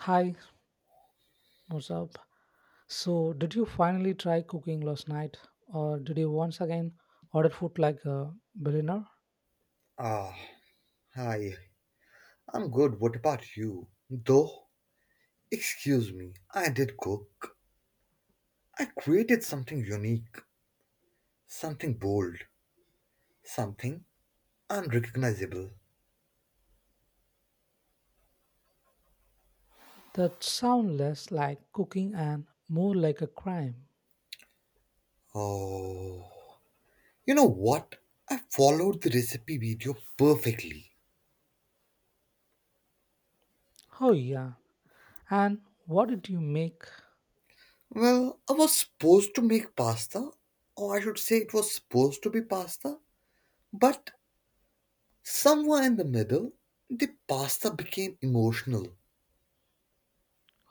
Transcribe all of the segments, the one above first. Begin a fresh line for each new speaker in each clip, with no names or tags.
Hi, what's up? So, did you finally try cooking last night, or did you once again order food like a billionaire?
Ah, hi. I'm good. What about you? Though, excuse me, I did cook. I created something unique, something bold, something unrecognizable.
That sounds less like cooking and more like a crime.
Oh, you know what? I followed the recipe video perfectly.
Oh, yeah. And what did you make?
Well, I was supposed to make pasta, or I should say it was supposed to be pasta, but somewhere in the middle, the pasta became emotional.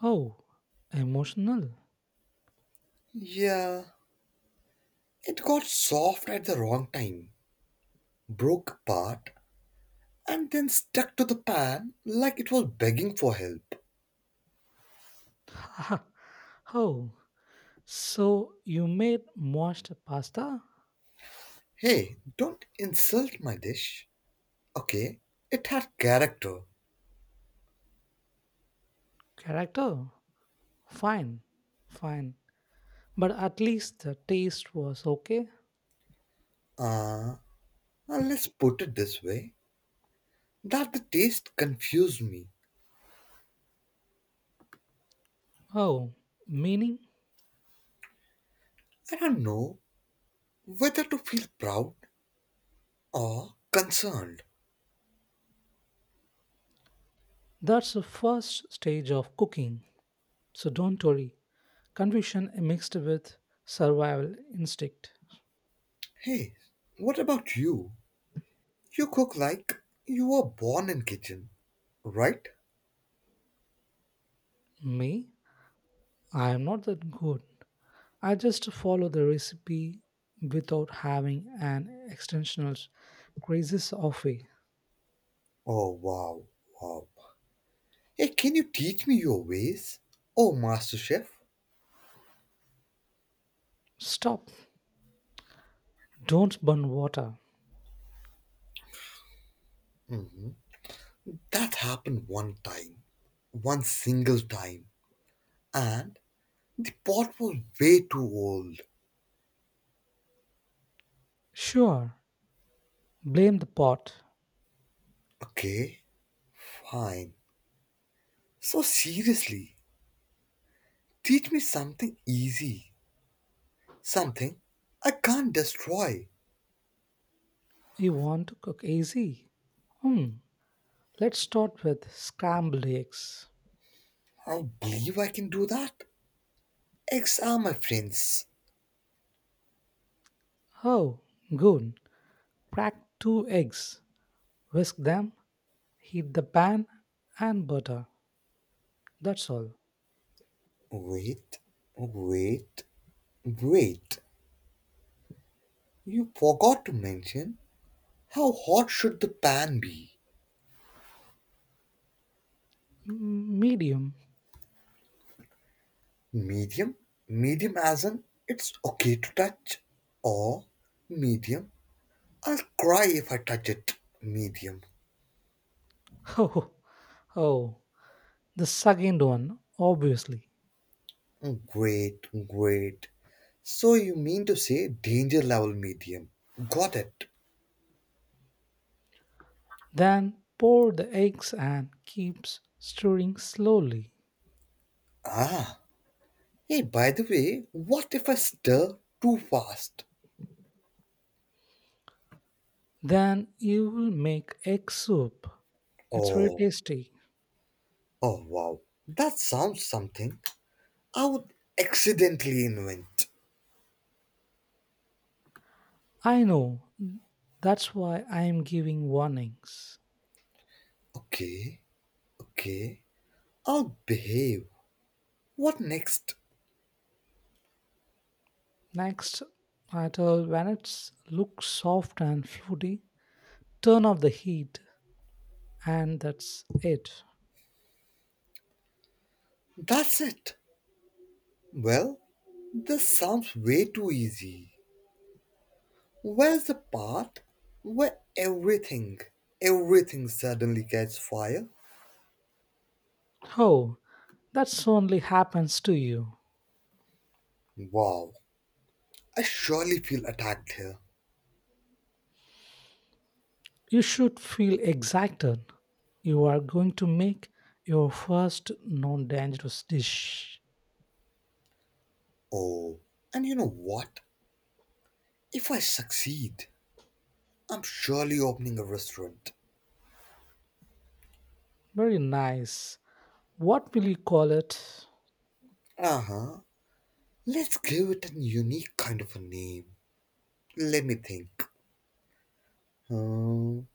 Oh, emotional.
Yeah, it got soft at the wrong time, broke apart, and then stuck to the pan like it was begging for help.
Oh, so you made moist pasta?
Hey, don't insult my dish. Okay, it had character.
Character? Fine, fine. But at least the taste was okay.
Uh, uh, let's put it this way that the taste confused me.
Oh, meaning?
I don't know whether to feel proud or concerned.
That's the first stage of cooking. So don't worry. Confusion mixed with survival instinct.
Hey, what about you? You cook like you were born in kitchen, right?
Me, I am not that good. I just follow the recipe without having an extensional crisis of a
Oh wow, wow. Hey, can you teach me your ways? Oh, Master Chef,
stop. Don't burn water.
mm, that happened one time, one single time, and the pot was way too old.
Sure, blame the pot.
Okay, fine. So, seriously, teach me something easy, something I can't destroy.
You want to cook easy? Hmm, let's start with scrambled eggs.
I don't believe I can do that. Eggs are my friends.
Oh, good. Crack two eggs. Whisk them, heat the pan and butter. That's all.
Wait, wait, wait. You forgot to mention how hot should the pan be?
Medium.
Medium? Medium as in it's okay to touch? Or medium? I'll cry if I touch it. Medium.
Oh, oh, the second one, obviously.
Great, great. So you mean to say danger level medium? Got it.
Then pour the eggs and keeps stirring slowly.
Ah. Hey, by the way, what if I stir too fast?
Then you will make egg soup. It's very
Oh,
tasty.
oh wow. That sounds something I would accidentally invent.
I know. That's why I am giving warnings.
Okay, okay. I'll behave. What next?
Next, until when it looks soft and fruity, turn off the heat, and that's it.
That's it. Well, this sounds way too easy. Where's the part where everything, everything suddenly gets fire?
Oh, that only happens to you.
Wow, I surely feel attacked here.
You should feel excited. You are going to make your first non dangerous dish.
Oh, and you know what? If I succeed, I'm surely opening a restaurant.
Very nice. What will you call it?
Uh huh. Let's give it a unique kind of a name. Let me think. Hmm.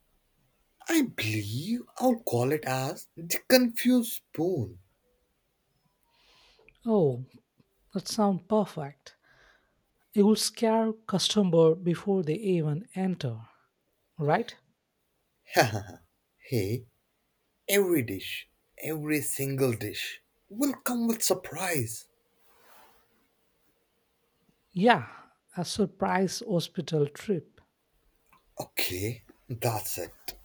I believe I'll call it as the Confused Spoon.
Oh, that sounds perfect. It will scare customer before they even enter, right?
Hey, every dish, every single dish, will come with surprise.
Yeah, a surprise hospital trip.
Okay, that's it.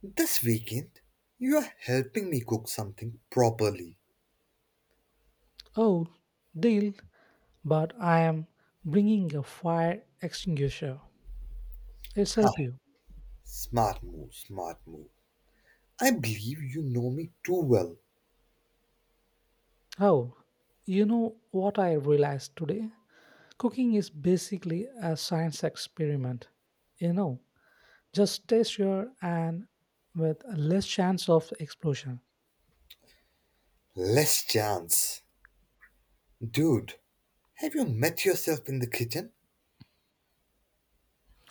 This weekend, you are helping me cook something properly.
Oh, deal, but I am bringing a fire extinguisher. It'll
Ha,
help you.
smart move, smart move. I believe you know me too well.
Oh, you know what I realized today? Cooking is basically a science experiment. You know, just taste your and with less chance of explosion.
Less chance. Dude, have you met yourself in the kitchen?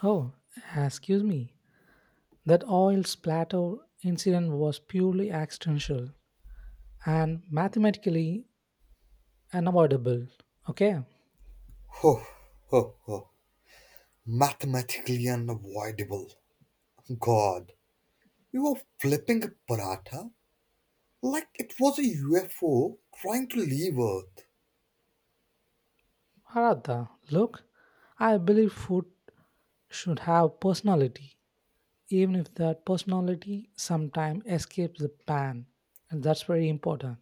Oh, excuse me. That oil splatter incident was purely accidental and mathematically unavoidable. Okay,
Ho, ho, ho. Mathematically unavoidable. God, you are flipping a paratha like it was a UFO trying to leave Earth.
Haratha, look, I believe food should have personality, even if that personality sometimes escapes the pan, and that's very important.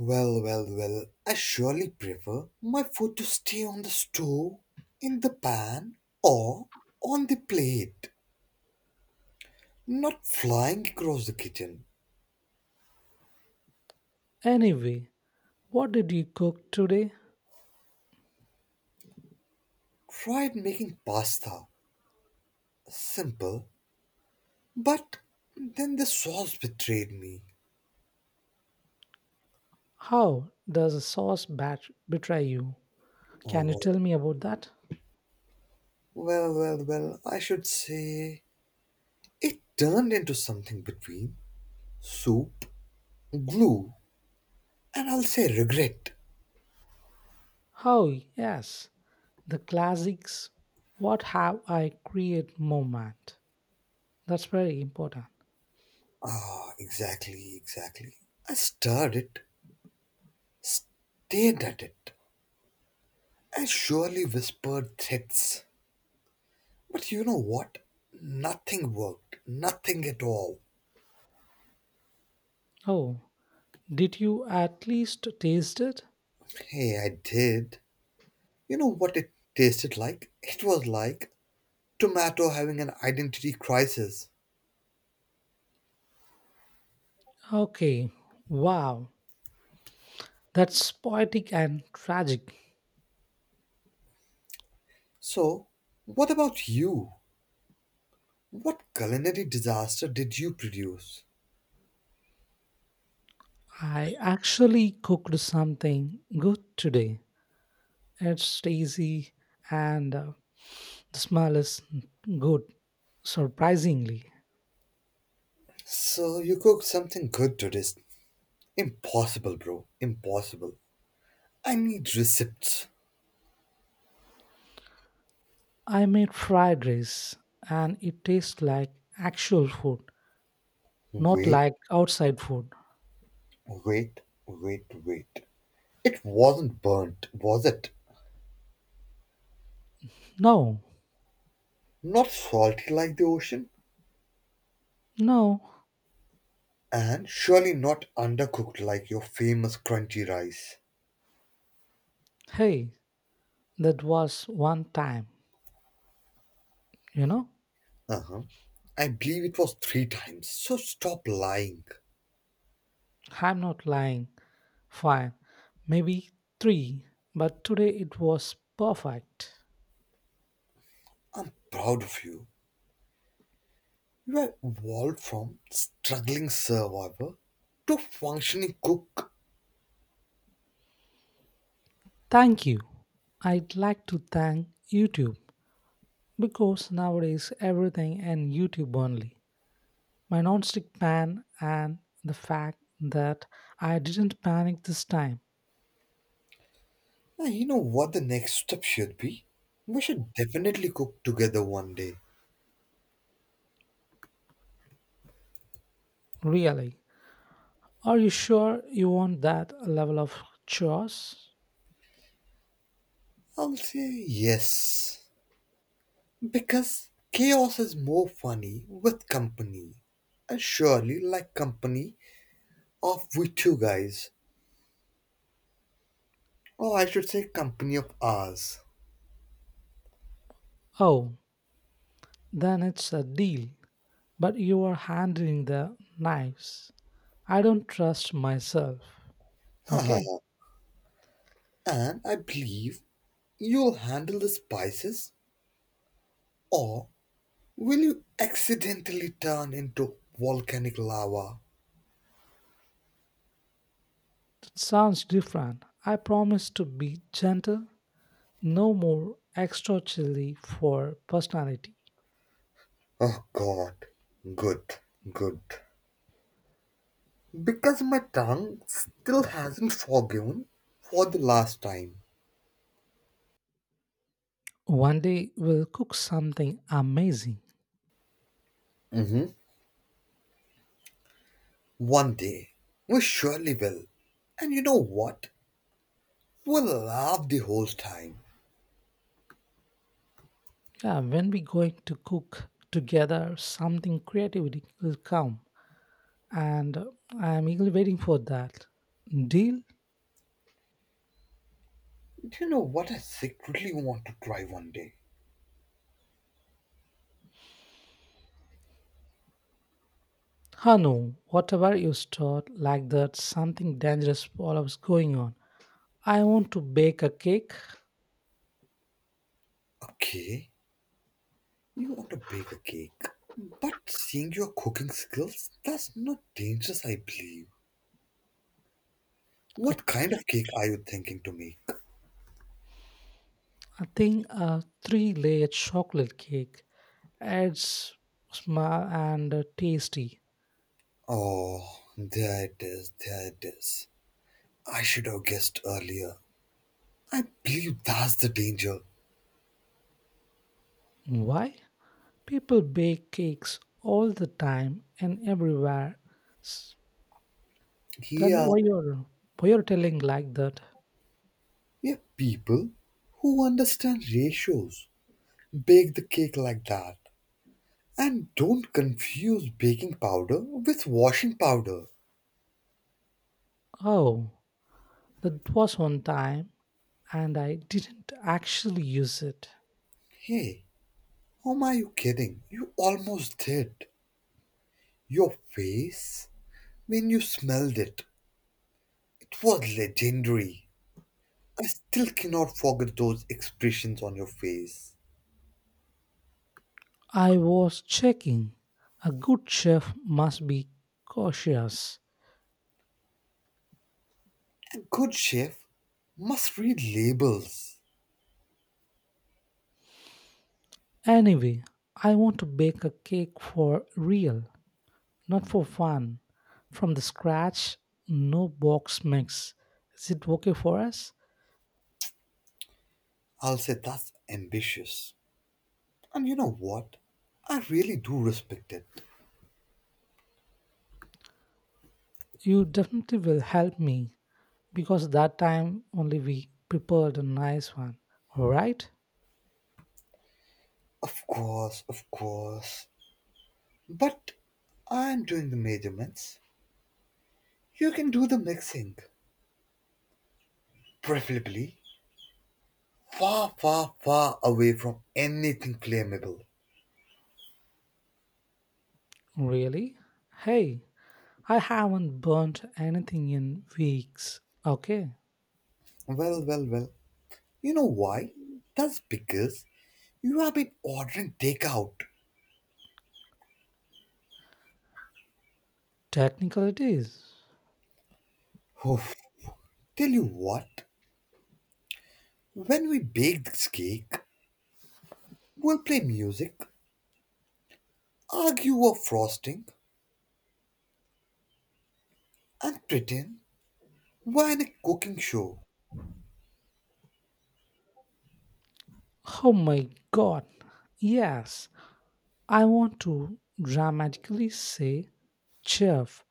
Well, well, well, I surely prefer my food to stay on the stove, in the pan, or on the plate, not flying across the kitchen.
Anyway, what did you cook today?
Tried making pasta, simple, but then the sauce betrayed me.
How does a sauce batch betray you? Can you
Oh,
tell me about that?
well, well, well, well, I should say it turned into something between soup, glue, and I'll say regret.
How? Yes, the classics. What have I create moment? That's very important.
Ah, exactly, exactly. I stirred it, stared at it, and surely whispered threats. But you know what? Nothing worked. Nothing at all.
Oh, did you at least taste it?
Hey, I did. You know what it tasted like? It was like tomato having an identity crisis.
Okay, wow, that's poetic and tragic.
So, what about you? What culinary disaster did you produce?
I actually cooked something good today. It's easy and the smell is good, surprisingly.
So, you cooked something good today. Impossible, bro. Impossible. I need receipts.
I made fried rice and it tastes like actual food, not
Wait,
like outside food.
wait, wait, wait. It wasn't burnt, was it?
No,
Not salty like the ocean,
no.
and surely not undercooked like your famous crunchy rice.
Hey, that was one time, you know?
Uh huh. I believe it was three times, so stop lying.
I'm not lying. Fine, maybe three, but today it was perfect.
I'm proud of you. You have evolved from struggling survivor to functioning cook.
Thank you. I'd like to thank YouTube because nowadays everything and YouTube only. My nonstick pan and the fact that I didn't panic this time.
And you know what the next step should be? We should definitely cook together one day.
Really. Are you sure you want that level of chores?
I'll say yes, because chaos is more funny with company. And surely, like company of we two guys, or I should say, company of ours.
Oh, then it's a deal. But you are handling the knives. I don't trust myself. Okay,
Haha. And I believe you'll handle the spices, or will you accidentally turn into volcanic lava?
that sounds different. I promise to be gentle. No more extra chili for personality.
Oh god, good, good. Because my tongue still hasn't forgiven for the last time.
One day we'll cook something amazing.
Mhm. One day, we surely will. And you know what? We'll laugh the whole time.
Yeah, when we going to cook together something creativity will come and I am eagerly waiting for that. Deal?
Do you know what I secretly want to try one day?
Ah no, whatever you start like that something dangerous follows going on. I want to bake a cake,
Okay, you want to bake a cake. But seeing your cooking skills, that's not dangerous, I believe.
a,
What kind of cake are you thinking to make?
I think a three layer chocolate cake. It's small and tasty.
Oh, there it is, there it is. I should have guessed earlier. I believe that's the danger.
Why? People bake cakes all the time and everywhere. S- Then
Here,
why you're telling like that?
we have people who understand ratios. Bake the cake like that. And don't confuse baking powder with washing powder.
Oh, that was one time, and I didn't actually use it.
Hey, whom are you kidding? You almost did. Your face? When you smelled it, it was legendary. I still cannot forget those expressions on your face.
I was checking. A good chef must be cautious.
A good chef must read labels.
Anyway, I want to bake a cake for real, not for fun. From the scratch, no box mix. Is it okay for us?
I'll say that's ambitious. And you know what? I really do respect it.
You definitely will help me, because that time only we prepared a nice one, right?
Of course, of course. But I'm doing the measurements. You can do the mixing. Preferably far, far, far away from anything claimable.
Really? Hey, I haven't burnt anything in weeks. Okay,
Well, well, well. You know why? That's because you have been ordering takeout.
technical it is.
Oof. Tell you what, when we bake this cake, we'll play music, argue over frosting, and pretend we're in a cooking show.
Oh my god. Yes, I want to dramatically say, Chef,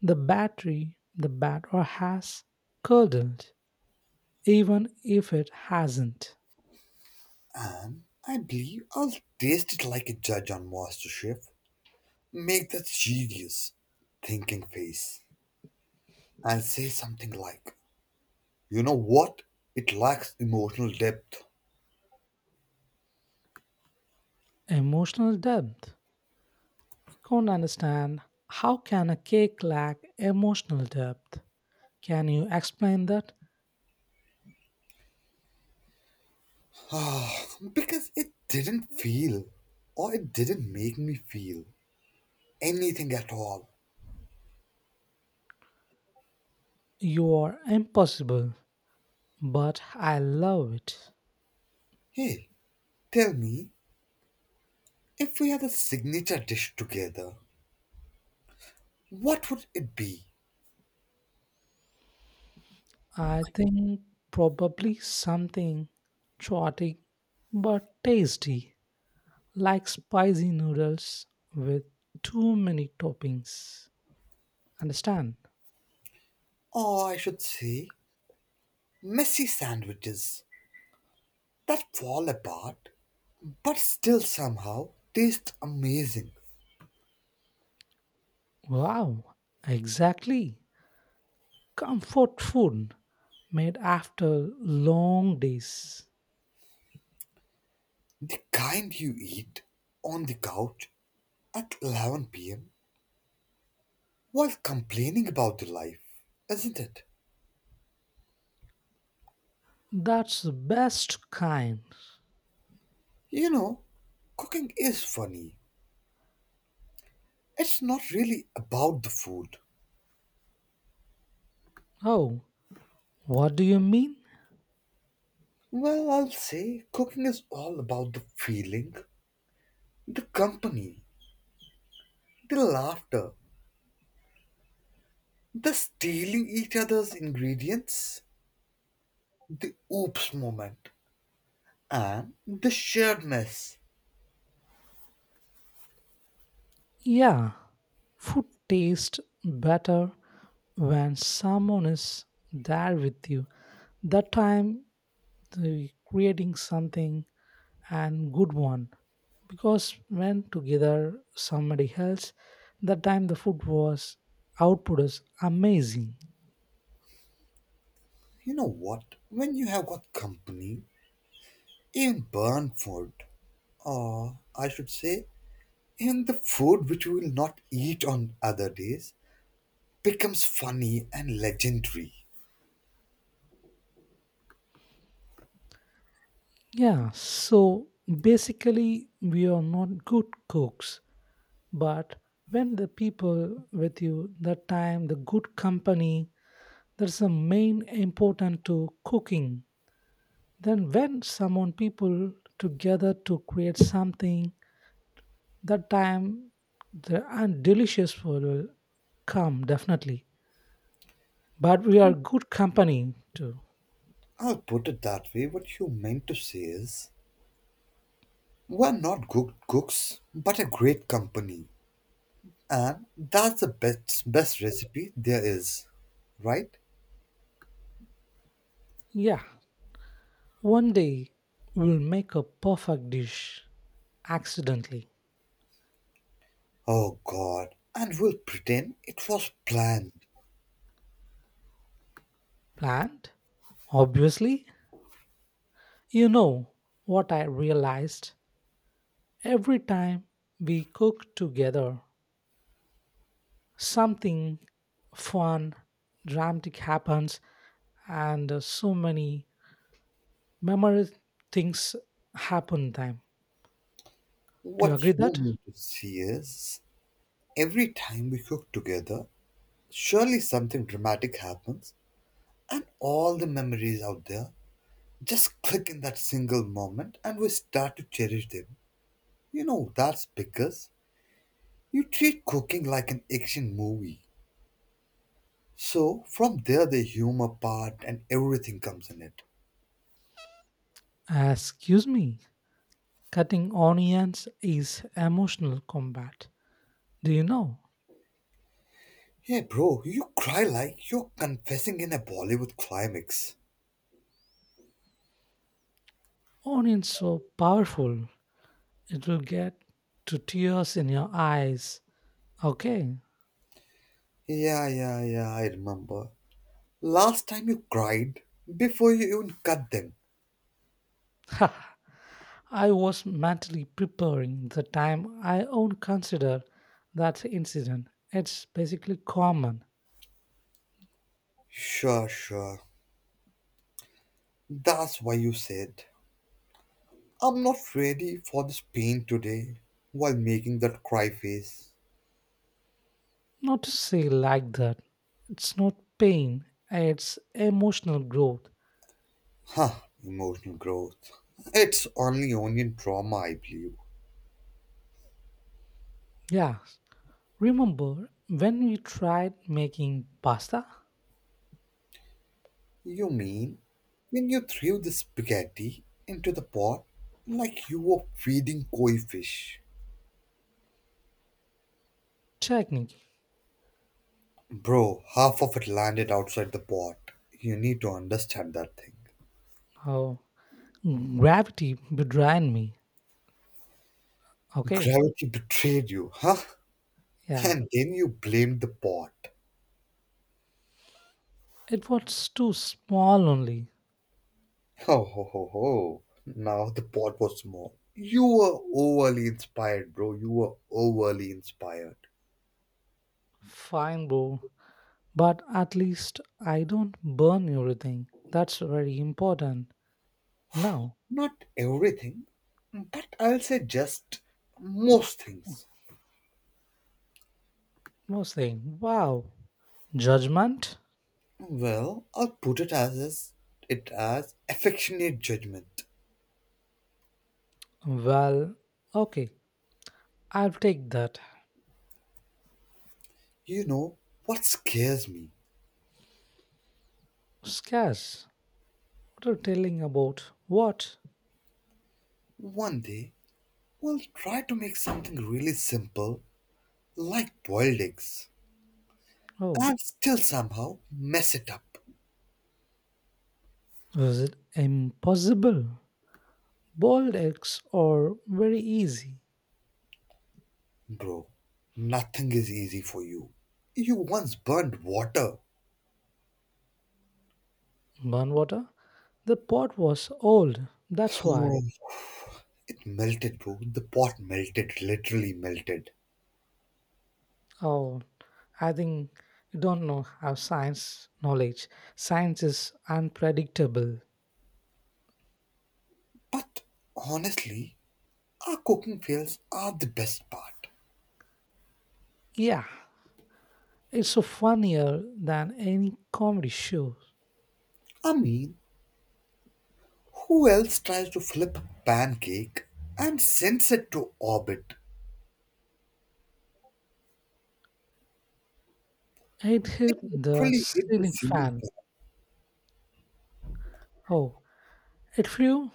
the batter has curdled, even if it hasn't.
And I believe I'll taste it like a judge on MasterChef. Make that serious thinking face and say something like, you know what? It lacks emotional depth.
Emotional depth. Can't understand how can a cake lack emotional depth? Can you explain that?
Ah, because it didn't feel or it didn't make me feel anything at all.
You are impossible, but I love it.
Hey, tell me, if we had a signature dish together, what would it be?
I think probably something chaotic but tasty, like spicy noodles with too many toppings. Understand?
Or I should say, messy sandwiches that fall apart but still somehow taste amazing.
Wow, exactly. Comfort food made after long days.
The kind you eat on the couch at 11 p.m. while complaining about the life, isn't it?
That's the best kind.
You know, cooking is funny. It's not really about the food.
Oh, what do you mean?
Well, I'll say cooking is all about the feeling, the company, the laughter, the stealing each other's ingredients, the oops moment, and the shared mess.
Yeah, food tastes better when someone is there with you. That time, the creating something and good one. Because when together somebody else, that time the food was output is amazing.
You know what? When you have got company, in Burnford, or I should say, in the food which we will not eat on other days, becomes funny and legendary.
Yeah, so basically we are not good cooks. But when the people with you, the time, the good company, that's the main important to cooking. Then when someone people together to create something, that time the and delicious food will come definitely. But we are good company too.
I'll put it that way. What you meant to say is, we're not good cooks, but a great company, and that's the best best recipe there is, right?
Yeah. One day we'll make a perfect dish accidentally.
Oh God! And we'll pretend it was planned.
Planned? Obviously. You know what I realized? Every time we cook together, something fun, dramatic happens, and so many memorable things happen. Time. Do you agree
What you
that?
mean to see is, every time we cook together, surely something dramatic happens, and all the memories out there just click in that single moment, and we start to cherish them. You know, that's because you treat cooking like an action movie. So, from there, the humor part and everything comes in it.
Excuse me. Cutting onions is emotional combat. Do you know?
Hey, bro, you cry like you're confessing in a Bollywood climax.
Onions so powerful it will get to tears in your eyes. Okay.
Yeah, yeah, yeah, I remember. Last time you cried before you even cut them.
I was mentally preparing the time I won't consider that incident. It's basically common.
Sure, sure. That's why you said. I'm not ready for this pain today while making that cry face.
Not to say like that. It's not pain, it's emotional growth.
Huh, emotional growth. It's only onion trauma, I believe.
Yeah. Remember when we tried making pasta?
You mean when you threw the spaghetti into the pot like you were feeding koi fish?
Technique.
Bro, half of it landed outside the pot. You need to understand that thing.
Oh, gravity behind me. Okay.
Gravity betrayed you, huh?
Yeah.
And then you blamed the pot.
It was too small only.
Ho ho ho ho. Now the pot was small. You were overly inspired, bro. You were overly inspired.
Fine, bro. But at least I don't burn everything. That's very important. Now,
Not everything, but I'll say just most things.
no saying, wow, judgment?
Well, I'll put it as affectionate judgment.
Well, okay, I'll take that.
You know what scares me?
Scarce. What are you telling about? What?
One day we'll try to make something really simple like boiled eggs
Oh,
and still somehow mess it up.
was it impossible? Boiled eggs are very easy.
Bro, nothing is easy for you. You once burned water.
Burn water? The pot was old, that's
Oh,
why.
it melted, bro. The pot melted, literally melted.
Oh, I think you don't know how science knowledge. Science is unpredictable.
But honestly, our cooking fails are the best part.
Yeah, it's so funnier than any comedy show.
I mean, who else tries to flip a pancake and sends it to orbit?
It
It
hit the
literally hit the
ceiling
ceiling
fan.
fan.
Oh, it flew?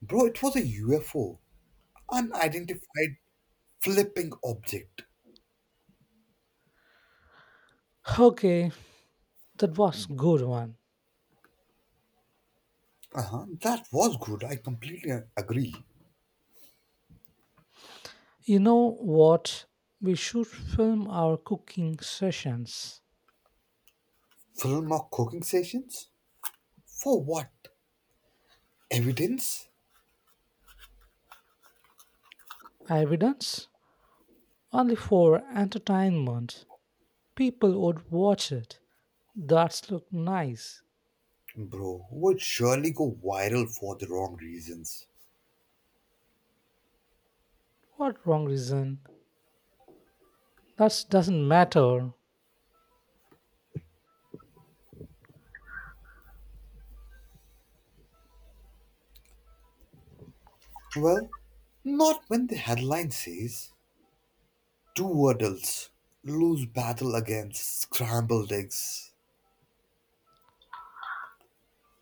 Bro, it was a UFO, unidentified flipping object.
Okay, that was good one.
Uh-huh, that was good. I completely agree.
You know what? We should film our cooking sessions.
Film or cooking sessions? For what? Evidence?
Evidence? Only for entertainment. People would watch it. That's look nice.
Bro, would surely go viral for the wrong reasons.
What wrong reason? That doesn't matter.
Well, not when the headline says two adults lose battle against scrambled eggs.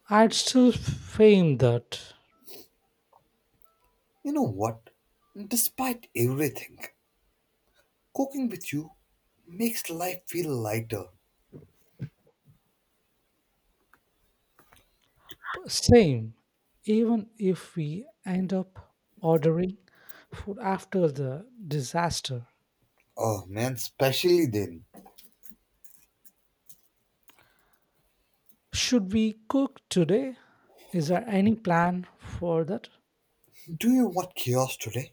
I'd still fame that.
You know what? Despite everything, cooking with you makes life feel lighter.
Same. Even if we end up ordering food after the disaster.
Oh man, especially then.
Should we cook today? Is there any plan for that?
Do you want chaos today?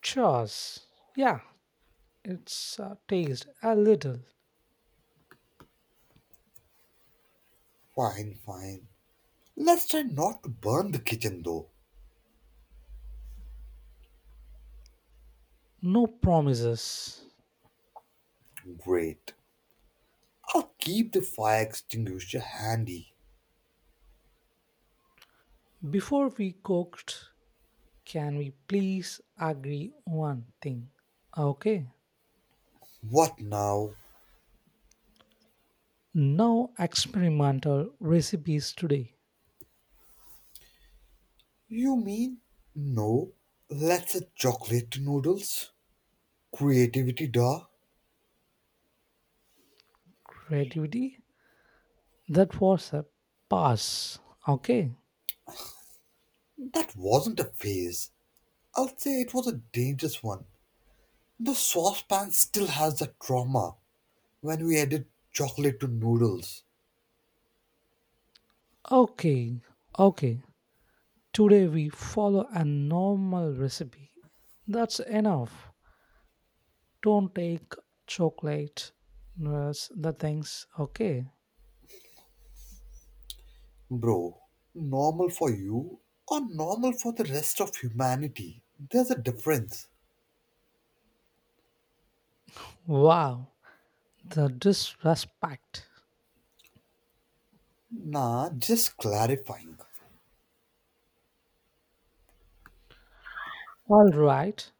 Chores. Yeah, it's taste a little.
Fine, fine. Let's try not to burn the kitchen though.
No promises.
Great. Or keep the fire extinguisher handy.
Before we cooked, can we please agree one thing? Okay.
What now?
No experimental recipes today.
You mean? No. Let's a chocolate noodles? Creativity, duh.
Creativity? That was a pass. Okay.
That wasn't a phase. I'll say it was a dangerous one. The saucepan still has that trauma when we added chocolate to noodles.
Okay. Okay. Today we follow a normal recipe. That's enough. Don't take chocolate. That's the things. Okay.
Bro, normal for you or normal for the rest of humanity? There's a difference.
Wow. The disrespect.
Nah, just clarifying.
All right.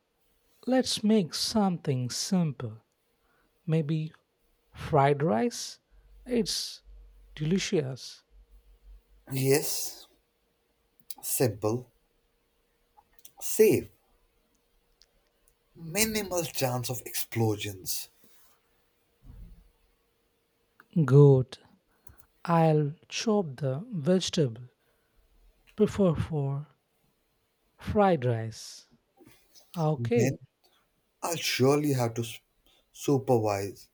Let's make something simple. Maybe fried rice? It's delicious.
Yes, simple. Save minimal chance of explosions.
Good. I'll chop the vegetable. Prefer for fried rice. Okay.
Then I'll surely have to supervise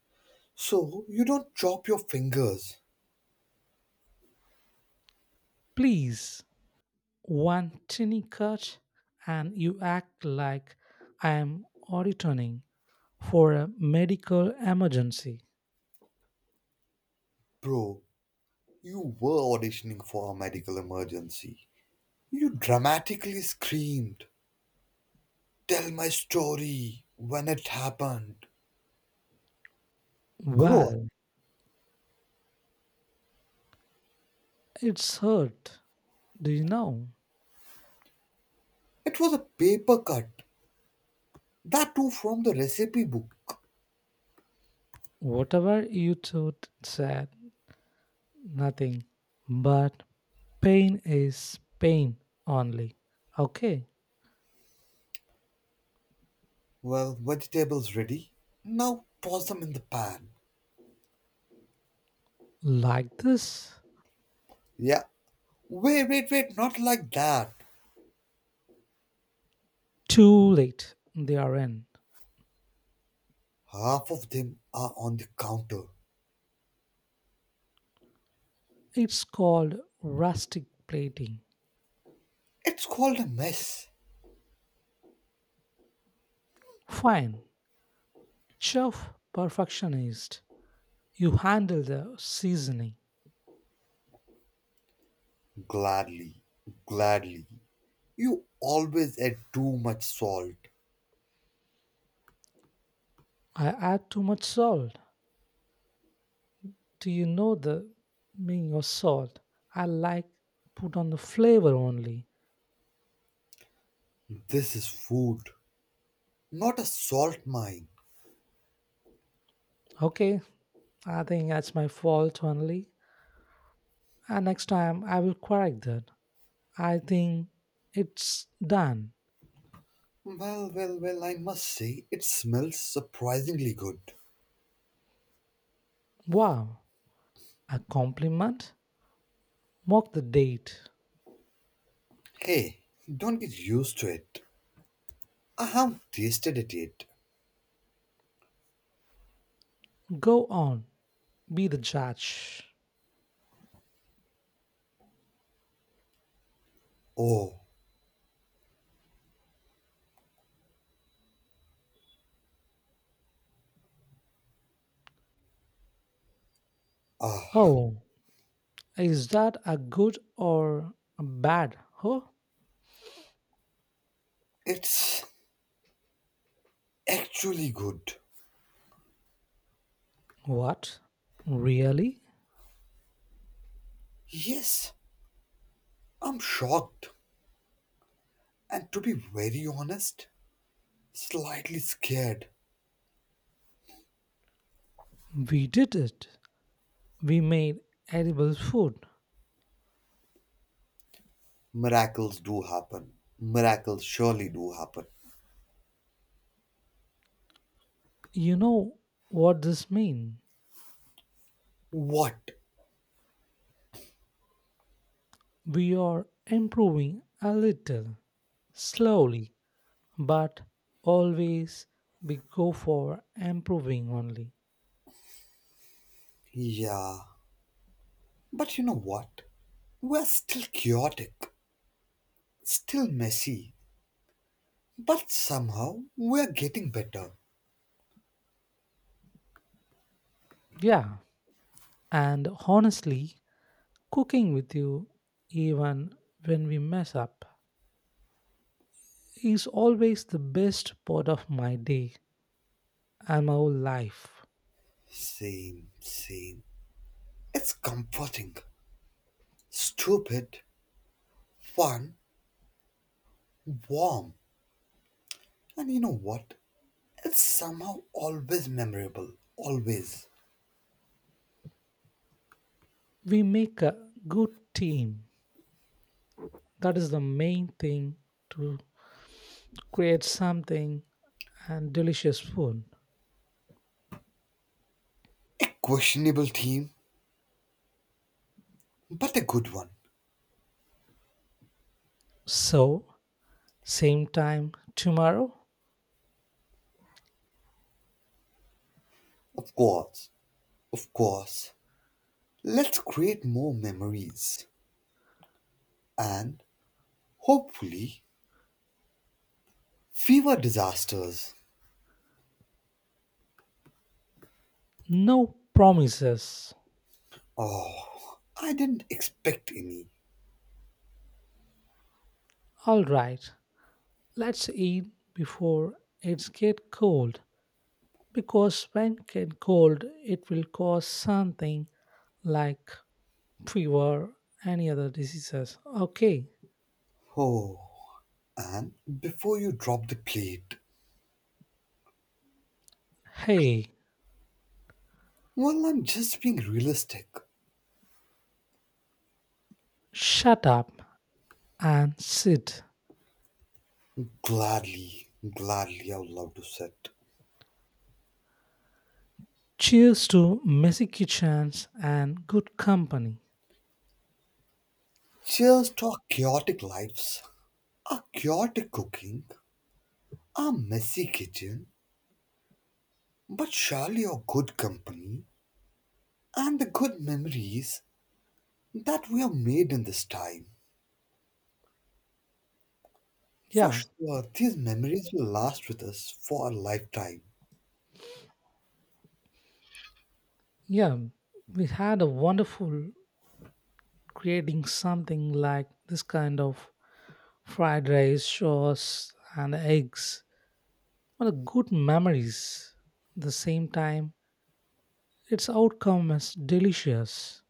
so you don't chop your fingers.
Please, one tiny cut, and you act like I am auditioning for a medical emergency.
Bro, you were auditioning for a medical emergency. You dramatically screamed, tell my story when it happened. Grow up.
Well, it's hurt. Do you know?
It was a paper cut, that too from the recipe book.
Whatever you thought said nothing, but pain is pain only. Okay,
Well, vegetables ready. Now toss them in the pan.
like this.
Yeah. Wait, wait, wait, not like that.
Too late, they are in.
Half of them are on the counter.
It's called rustic plating.
It's called a mess.
Fine, chef perfectionist. You handle the seasoning.
Gladly, gladly. You always add too much salt.
I add too much salt. Do you know the meaning of salt? I like put on the flavor only.
This is food, not a salt mine.
Okay, I think that's my fault only. And next time I will correct that. I think it's done.
Well, well, well, I must say, it smells surprisingly good.
Wow, a compliment? Mark the date.
Hey, don't get used to it. I haven't tasted it yet.
Go on, be the judge.
Oh, ah,
Oh, is that a good or a bad? Oh,
it's actually good.
what? Really?
Yes, I'm shocked. And to be very honest, slightly scared.
We did it. We made edible food.
Miracles do happen. Miracles surely do happen.
You know what this means?
What?
We are improving a little, slowly, but always we go for improving only.
Yeah. But you know what? We're still chaotic, still messy, but somehow we're getting better.
Yeah, and honestly, cooking with you even when we mess up is always the best part of my day and my whole life.
Same, same. It's comforting, stupid, fun, warm. And you know what? It's somehow always memorable. Always.
We make a good team. That is the main thing to create something and delicious food.
Questionable team, but a good one.
So, same time tomorrow?
Of course. Of course. Let's create more memories and hopefully fewer disasters.
No promises.
Oh, I didn't expect any.
All right, let's eat before it's get cold because when get cold it will cause something like fever any other diseases okay.
Oh, and before you drop the plate,
Hey,
well, I'm just being realistic.
shut up and sit.
Gladly, gladly, I would love to sit.
Cheers to messy kitchens and good company.
Cheers to our chaotic lives, our chaotic cooking, our messy kitchen, but surely our good company and the good memories that we have made in this time. For
Yeah,
sure, these memories will last with us for a lifetime.
yeah, we had a wonderful creating something like this kind of fried rice, sauce, and eggs. What a good memories. The same time, its outcome is delicious.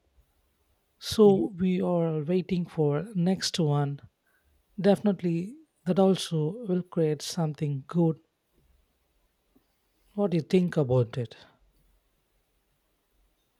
So
You
we are waiting for next one. Definitely, that also will create something good. What do you think about it?